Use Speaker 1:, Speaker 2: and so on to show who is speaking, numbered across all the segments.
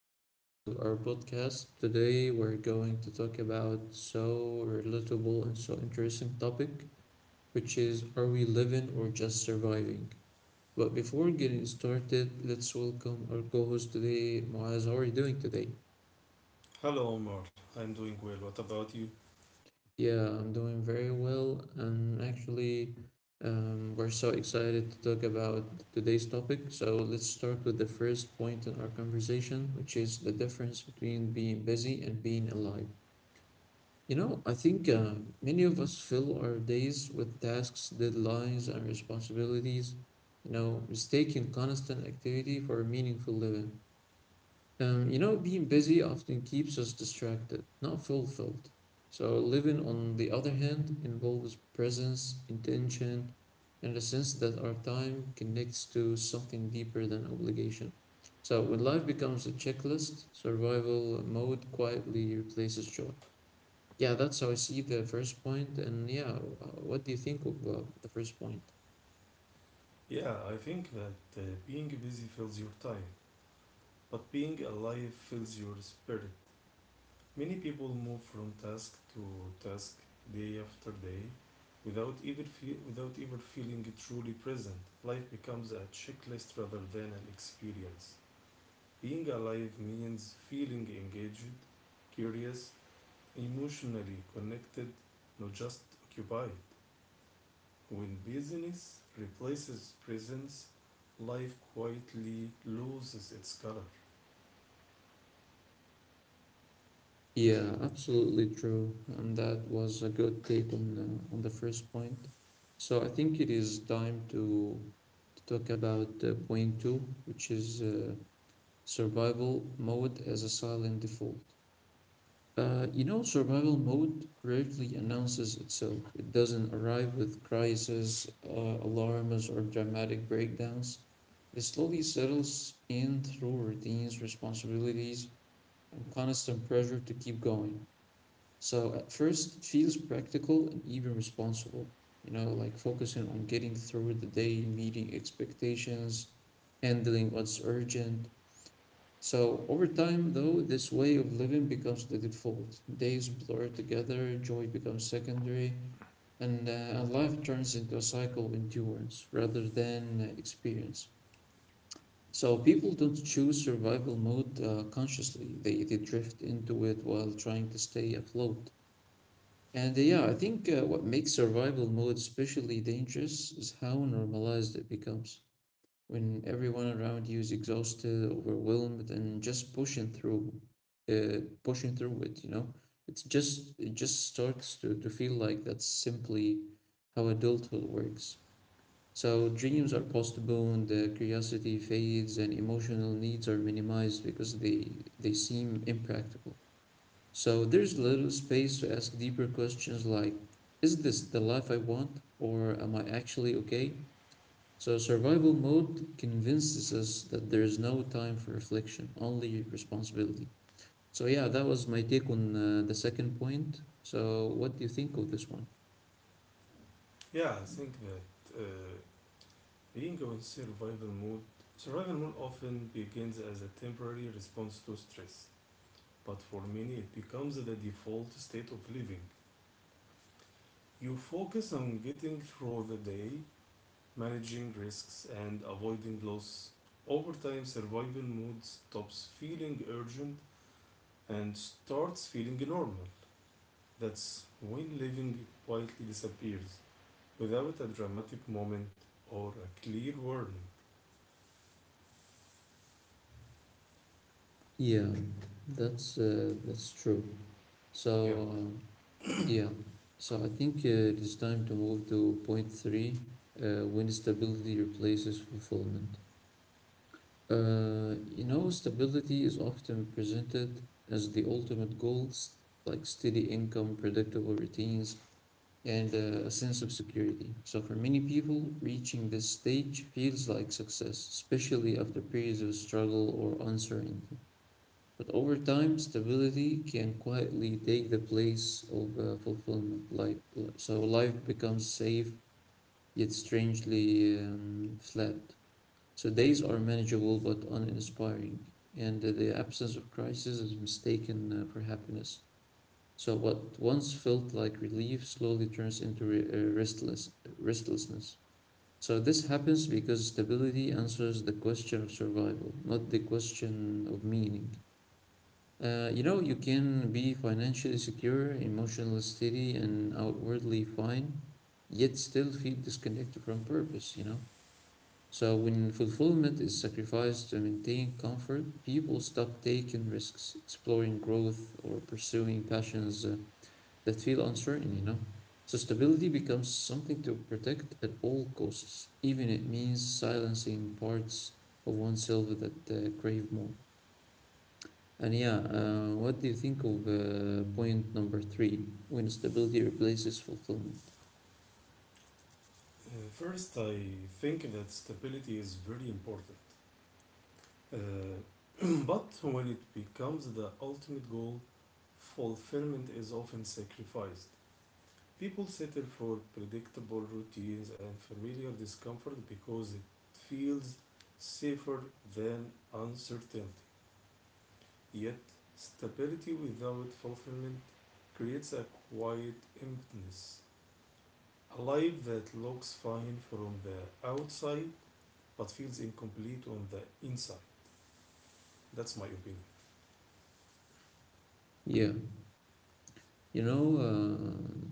Speaker 1: new episode of our podcast. Today, we're going to talk about so relatable and so interesting topic, which is are we living or just surviving? But before getting started, let's welcome our co-host today, Moaz. How are you doing today?
Speaker 2: Hello, Omar. I'm doing well. What about you?
Speaker 1: Yeah, I'm doing very well. And actually, we're so excited to talk about today's topic. So let's start with the first point in our conversation, which is the difference between being busy and being alive. You know, I think many of us fill our days with tasks, deadlines, and responsibilities, you know, mistaking constant activity for meaningful living. Being busy often keeps us distracted, not fulfilled. So, living, on the other hand, involves presence, intention, and a sense that our time connects to something deeper than obligation. So, when life becomes a checklist, survival mode quietly replaces joy. Yeah, that's how I see the first point. And yeah, what do you think of the first point?
Speaker 2: Yeah, I think that being busy fills your time, but being alive fills your spirit. Many people move from task to task day after day without even feeling truly present. Life becomes a checklist rather than an experience. Being alive means feeling engaged, curious, emotionally connected, not just occupied. When business replaces presence, life quietly loses its color.
Speaker 1: Yeah, absolutely true. And that was a good take on the first point. So I think it is time to talk about point two, which is survival mode as a silent default. You know, survival mode rarely announces itself. It doesn't arrive with crises, alarms, or dramatic breakdowns. It slowly settles in through routines, responsibilities, and constant pressure to keep going. So at first, it feels practical and even responsible, you know, like focusing on getting through the day, meeting expectations, handling what's urgent. So over time, though, this way of living becomes the default. Days blur together, joy becomes secondary, and, uh, and life turns into a cycle of endurance rather than experience. So people don't choose survival mode consciously. They drift into it while trying to stay afloat. And yeah, I think what makes survival mode especially dangerous is how normalized it becomes when everyone around you is exhausted, overwhelmed, and just pushing through, pushing through it. It just starts to feel like that's simply how adulthood works. So dreams are postponed, the curiosity fades, and emotional needs are minimized because they seem impractical. So there's little space to ask deeper questions like, is this the life I want? Or am I actually okay? So survival mode convinces us that there's no time for reflection, only responsibility. So, yeah, that was my take on the second point. So, what do you think of this one?
Speaker 2: Yeah, I think that being on survival mode often begins as a temporary response to stress, but for many it becomes the default state of living. You focus on getting through the day, managing risks, and avoiding loss. Over time, survival mode stops feeling urgent and starts feeling normal. That's when living quietly disappears without a dramatic moment or a clear warning.
Speaker 1: Yeah, that's true.
Speaker 2: Yeah.
Speaker 1: So um, yeah, so I think it is time to move to point three, when stability replaces fulfillment. You know, stability is often presented as the ultimate goal, like steady income, predictable routines, and a sense of security. So, for many people, reaching this stage feels like success, especially after periods of struggle or uncertainty. But over time, stability can quietly take the place of fulfillment. Like, so life becomes safe, yet strangely flat. So days are manageable but uninspiring, and the absence of crisis is mistaken for happiness. So what once felt like relief slowly turns into restlessness. So this happens because stability answers the question of survival, not the question of meaning. You know, you can be financially secure, emotionally steady, and outwardly fine, yet still feel disconnected from purpose, you know? So when fulfillment is sacrificed to maintain comfort, people stop taking risks, exploring growth, or pursuing passions that feel uncertain, you know? So stability becomes something to protect at all costs, even it means silencing parts of oneself that crave more. And yeah, what do you think of point number three, when stability replaces fulfillment?
Speaker 2: First, I think that stability is very important. But when it becomes the ultimate goal, fulfillment is often sacrificed. People settle for predictable routines and familiar discomfort because it feels safer than uncertainty. Yet, stability without fulfillment creates a quiet emptiness, a life that looks fine from the outside but feels incomplete on the inside. That's my opinion.
Speaker 1: Yeah, you know, uh,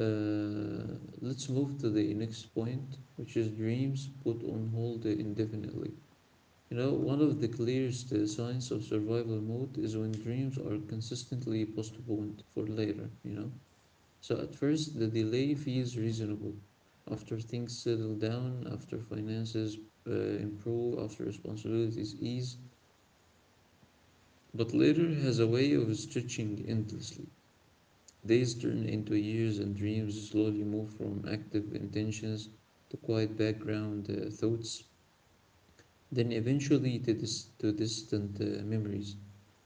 Speaker 1: Let's move to the next point, which is dreams put on hold indefinitely. You know, one of the clearest signs of survival mode is when dreams are consistently postponed for later, you know. So at first, the delay feels reasonable. After things settle down, after finances improve, after responsibilities ease, but later has a way of stretching endlessly. Days turn into years, and dreams slowly move from active intentions to quiet background thoughts, then eventually to distant memories.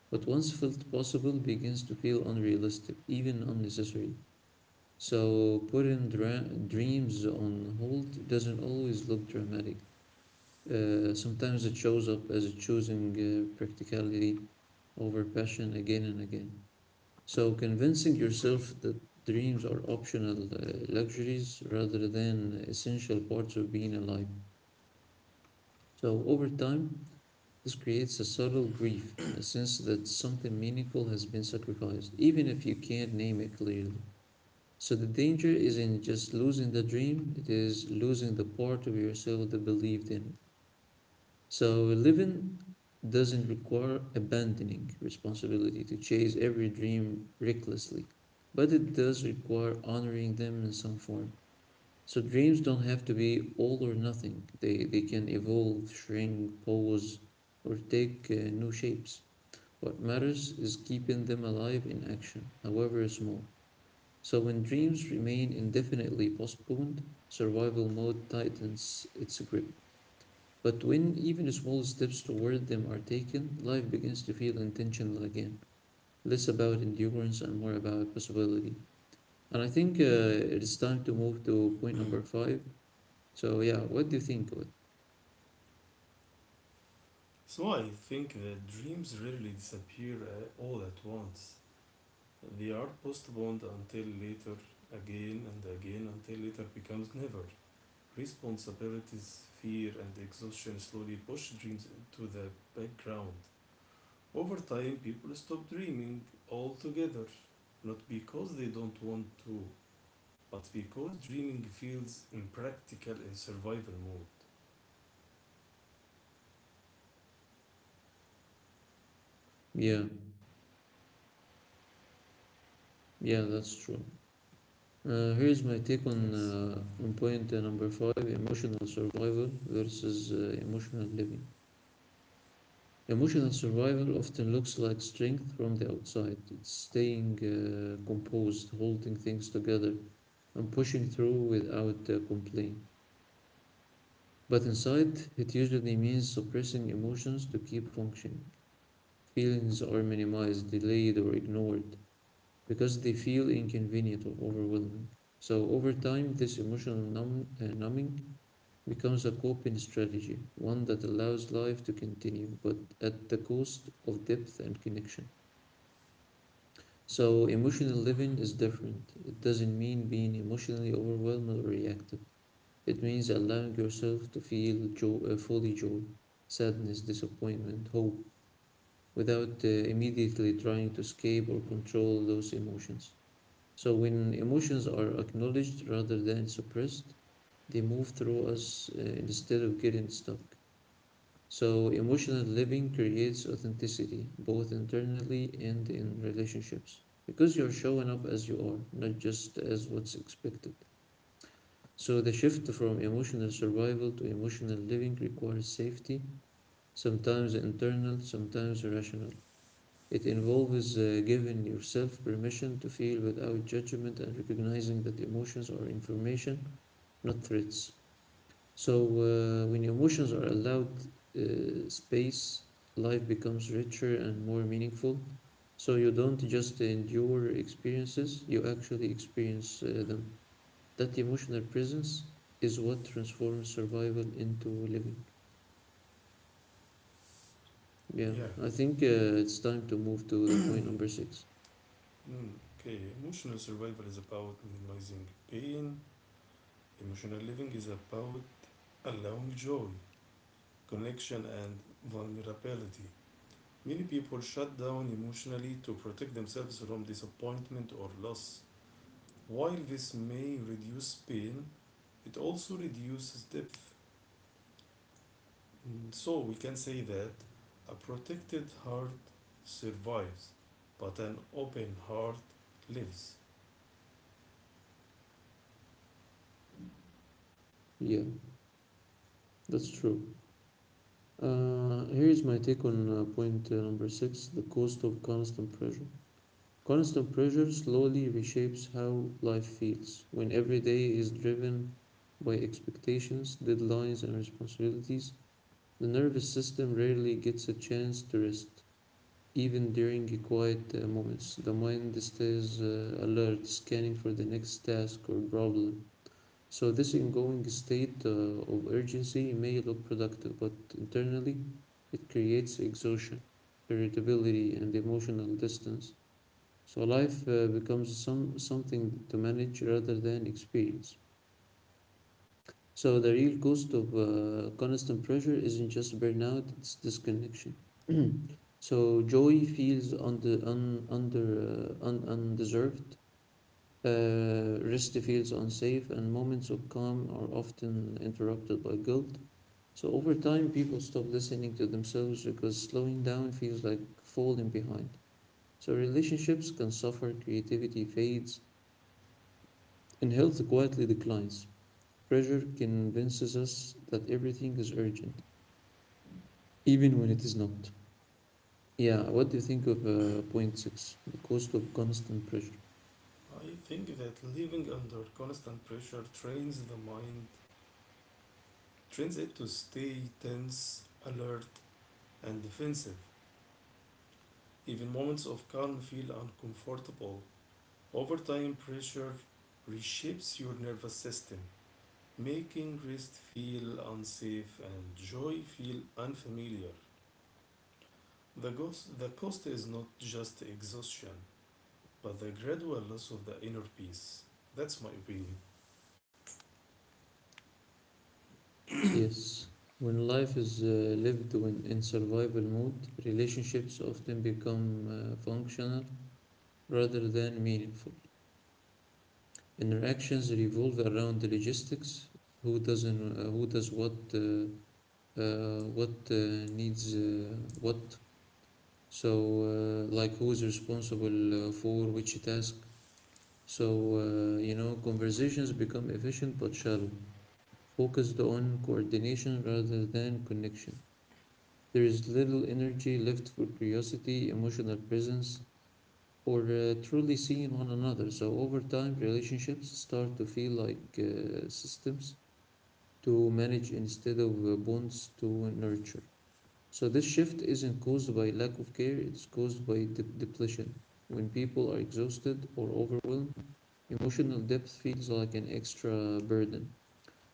Speaker 1: What once felt possible begins to feel unrealistic, even unnecessary. So, putting dreams on hold doesn't always look dramatic. Sometimes it shows up as choosing practicality over passion again and again. So convincing yourself that dreams are optional luxuries rather than essential parts of being alive. So over time, this creates a subtle grief, a sense that something meaningful has been sacrificed, even if you can't name it clearly. So the danger isn't just losing the dream, it is losing the part of yourself that believed in it. So living doesn't require abandoning responsibility to chase every dream recklessly, but it does require honoring them in some form. So dreams don't have to be all or nothing. They can evolve, shrink, pause, or take new shapes. What matters is keeping them alive in action, however small. So when dreams remain indefinitely postponed, survival mode tightens its grip. But when even small steps toward them are taken, life begins to feel intentional again, less about endurance and more about possibility. And I think it is time to move to point number five. So, yeah, what do you think? What?
Speaker 2: So I think that dreams rarely disappear all at once. They are postponed until later, again and again, until later becomes never. Responsibilities, fear, and exhaustion slowly push dreams into the background. Over time, people stop dreaming altogether, not because they don't want to, but because dreaming feels impractical in survival mode.
Speaker 1: Yeah, yeah, that's true. Here's my take
Speaker 2: Yes.
Speaker 1: on point number five, emotional survival versus emotional living. Emotional survival often looks like strength from the outside. It's staying composed, holding things together, and pushing through without complaint. But inside, it usually means suppressing emotions to keep functioning. Feelings are minimized, delayed, or ignored because they feel inconvenient or overwhelming. So, over time, this emotional numbing becomes a coping strategy, one that allows life to continue but at the cost of depth and connection. So emotional living is different. It doesn't mean being emotionally overwhelmed or reactive. It means allowing yourself to feel fully joy, sadness, disappointment, hope, without immediately trying to escape or control those emotions. So when emotions are acknowledged rather than suppressed, they move through us instead of getting stuck. So, emotional living creates authenticity, both internally and in relationships, because you're showing up as you are, not just as what's expected. So, the shift from emotional survival to emotional living requires safety, sometimes internal, sometimes rational. It involves giving yourself permission to feel without judgment and recognizing that emotions are information, not threats. So, when emotions are allowed space, life becomes richer and more meaningful. So, you don't just endure experiences, you actually experience them. That emotional presence is what transforms survival into living. Yeah,
Speaker 2: Yeah.
Speaker 1: I think it's time to move to the point number six.
Speaker 2: Mm, okay. Emotional survival is about minimizing pain. Emotional living is about allowing joy, connection, and vulnerability. Many people shut down emotionally to protect themselves from disappointment or loss. While this may reduce pain, it also reduces depth. Mm. So we can say that a protected heart survives, but an open heart lives.
Speaker 1: Yeah, that's true. Here is my take on point number six, the cost of constant pressure. Constant pressure slowly reshapes how life feels when every day is driven by expectations, deadlines, and responsibilities. The nervous system rarely gets a chance to rest. Even during quiet moments, the mind stays alert, scanning for the next task or problem. So, this ongoing state of urgency may look productive, but internally it creates exhaustion, irritability, and emotional distance. So life becomes some something to manage rather than experience. So the real cost of constant pressure isn't just burnout; it's disconnection. So joy feels undeserved. Rest feels unsafe, and moments of calm are often interrupted by guilt. So over time, people stop listening to themselves because slowing down feels like falling behind. So relationships can suffer, creativity fades, and health quietly declines. Pressure convinces us that everything is urgent, even when it is not. Yeah, what do you think of point six? The cost of constant pressure.
Speaker 2: I think that living under constant pressure trains the mind, trains it to stay tense, alert, and defensive. Even moments of calm feel uncomfortable. Over time, pressure reshapes your nervous system, making rest feel unsafe and joy feel unfamiliar. The cost is not just exhaustion, but the gradual loss of the inner peace. That's my opinion.
Speaker 1: Yes, when life is lived when in survival mode, relationships often become functional rather than meaningful. Interactions revolve around the logistics: who doesn't, who does what, uh, what uh, needs uh, what, So, like who is responsible for which task? So, you know, conversations become efficient but shallow, focused on coordination rather than connection. There is little energy left for curiosity, emotional presence, or truly seeing one another. So, over time, relationships start to feel like systems to manage instead of bonds to nurture. So this shift isn't caused by lack of care, it's caused by depletion. When people are exhausted or overwhelmed, emotional depth feels like an extra burden.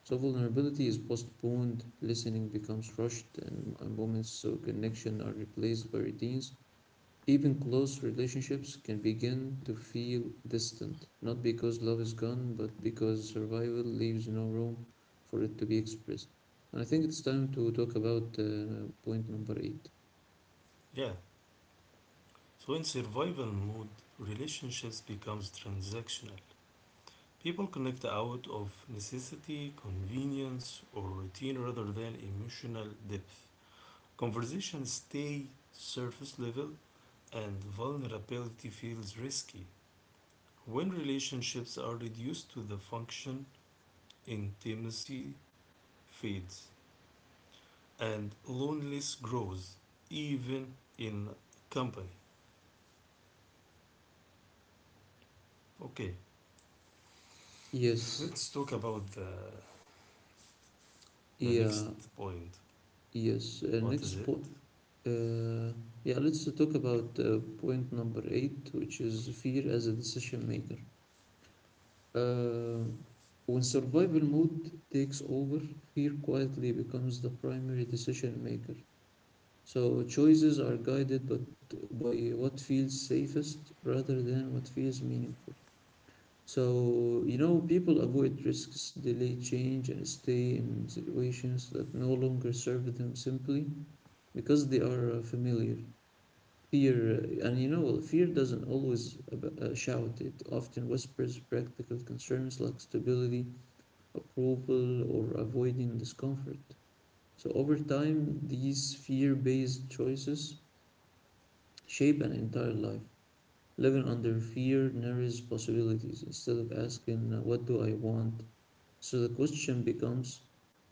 Speaker 1: So vulnerability is postponed, listening becomes rushed, and, moments of connection are replaced by routines. Even close relationships can begin to feel distant, not because love is gone, but because survival leaves no room for it to be expressed. And I think it's time to talk about point number eight.
Speaker 2: Yeah. So in survival mode, relationships becomes transactional. People connect out of necessity, convenience, or routine rather than emotional depth. Conversations stay surface level and vulnerability feels risky. When relationships are reduced to the function, intimacy fades and loneliness grows, even in company. Okay,
Speaker 1: Yes,
Speaker 2: let's talk about the next
Speaker 1: yeah,
Speaker 2: point.
Speaker 1: yes.
Speaker 2: What is
Speaker 1: Next
Speaker 2: it?
Speaker 1: point, uh, yeah, let's talk about point number eight, which is fear as a decision maker. Uh, when survival mode takes over, fear quietly becomes the primary decision maker. So choices are guided but by what feels safest rather than what feels meaningful. So, you know, people avoid risks, delay change, and stay in situations that no longer serve them simply because they are familiar. Fear, and you know, well, fear doesn't always shout, it often whispers practical concerns like stability, approval, or avoiding discomfort. So, over time, these fear based choices shape an entire life. Living under fear narrows possibilities instead of asking, "What do I want?" So, the question becomes,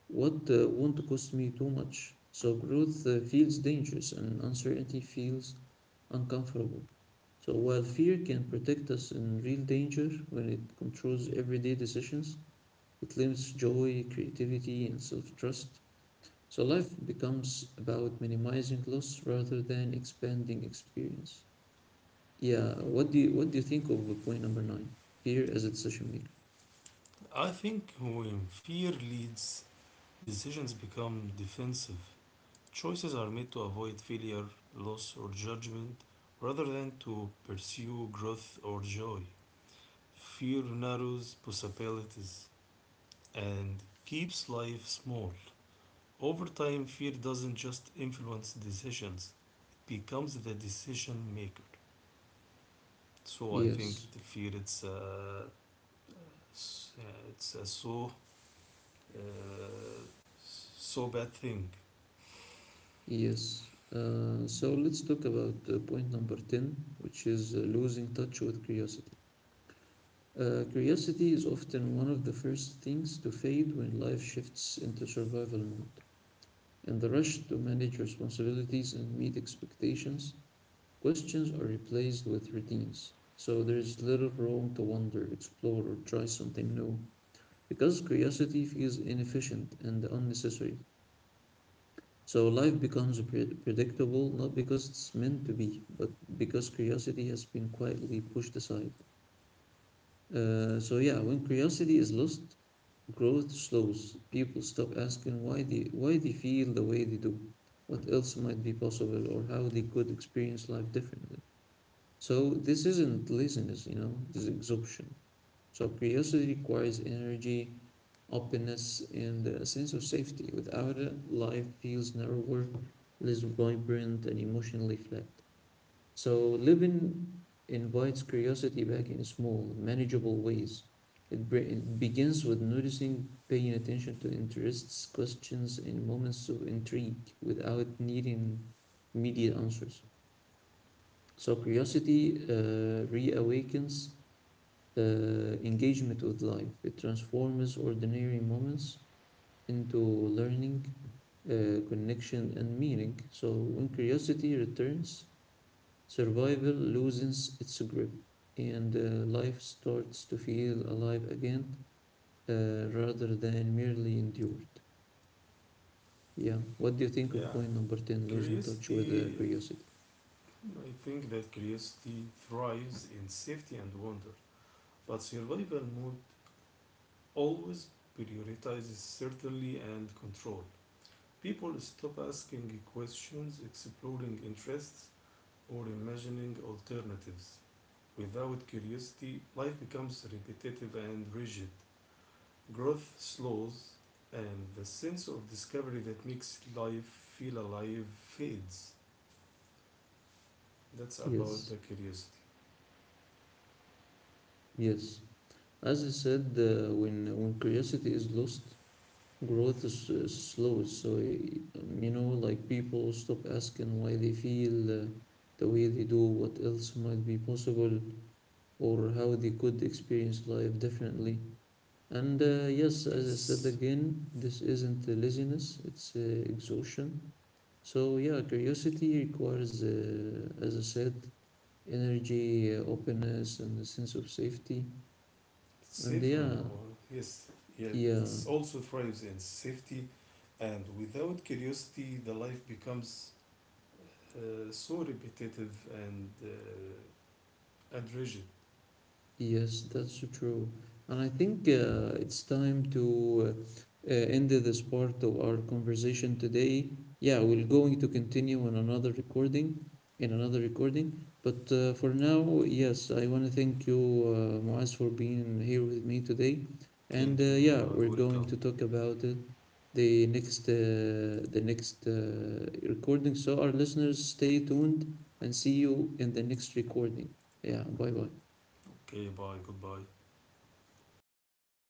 Speaker 1: "What won't cost me too much." So growth feels dangerous and uncertainty feels uncomfortable. So while fear can protect us in real danger when it controls everyday decisions, it limits joy, creativity, and self trust. So life becomes about minimizing loss rather than expanding experience. Yeah, what do you think of point number nine? Fear as a decision maker.
Speaker 2: I think when fear leads, decisions become defensive. Choices are made to avoid failure, loss, or judgment rather than to pursue growth or joy. Fear narrows possibilities and keeps life small. Over time, fear doesn't just influence decisions, it becomes the decision maker. So I think
Speaker 1: Yes.
Speaker 2: the fear it's a uh, so bad thing.
Speaker 1: Yes. So let's talk about point number 10, which is losing touch with curiosity. Curiosity is often one of the first things to fade when life shifts into survival mode. In the rush to manage responsibilities and meet expectations, questions are replaced with routines. So there is little room to wander, explore, or try something new because curiosity feels inefficient and unnecessary. So life becomes predictable, not because it's meant to be, but because curiosity has been quietly pushed aside. So yeah, when curiosity is lost, growth slows. People stop asking why they feel the way they do, what else might be possible, or how they could experience life differently. So this isn't laziness, you know, this is exhaustion. So curiosity requires energy, openness, and a sense of safety. Without it, life feels narrower, less vibrant, and emotionally flat. So living invites curiosity back in small, manageable ways. It begins with noticing, paying attention to interests, questions, and moments of intrigue without needing immediate answers. So curiosity reawakens engagement with life. It transforms ordinary moments into learning, connection, and meaning. So when curiosity returns, survival loses its grip, and life starts to feel alive again rather than merely endured. Yeah. What do you think of
Speaker 2: Yeah,
Speaker 1: point number 10, losing touch with
Speaker 2: curiosity.
Speaker 1: curiosity?
Speaker 2: I think that curiosity thrives in safety and wonder, but survival mode always prioritizes certainty and control. People stop asking questions, exploring interests, or imagining alternatives. Without curiosity, life becomes repetitive and rigid. Growth slows, and the sense of discovery that makes life feel alive fades. That's about the
Speaker 1: Yes.
Speaker 2: curiosity.
Speaker 1: Yes. As I said, when curiosity is lost, growth is slow. So you know, like, people stop asking why they feel the way they do, what else might be possible or how they could experience life differently. And yes, as I said
Speaker 2: Yes,
Speaker 1: again, this isn't laziness, it's exhaustion. So yeah, curiosity requires, as I said, energy, openness, and a sense of safety.
Speaker 2: it's
Speaker 1: And
Speaker 2: safe and
Speaker 1: yeah,
Speaker 2: warm. Yes, yet
Speaker 1: yeah.
Speaker 2: it also thrives in safety, and without curiosity, the life becomes so repetitive and rigid.
Speaker 1: Yes, that's true. And I think it's time to end this part of our conversation today. Yeah, we're going to continue on another recording, in another recording. But for now, yes, I want to thank you, Muaz, for being here with me today. And
Speaker 2: Thank you.
Speaker 1: yeah,
Speaker 2: You are
Speaker 1: we're going
Speaker 2: welcome.
Speaker 1: to talk about it the next uh, the next recording. So our listeners, stay tuned and see you in the next recording. Yeah, bye bye.
Speaker 2: Okay. Bye. Goodbye.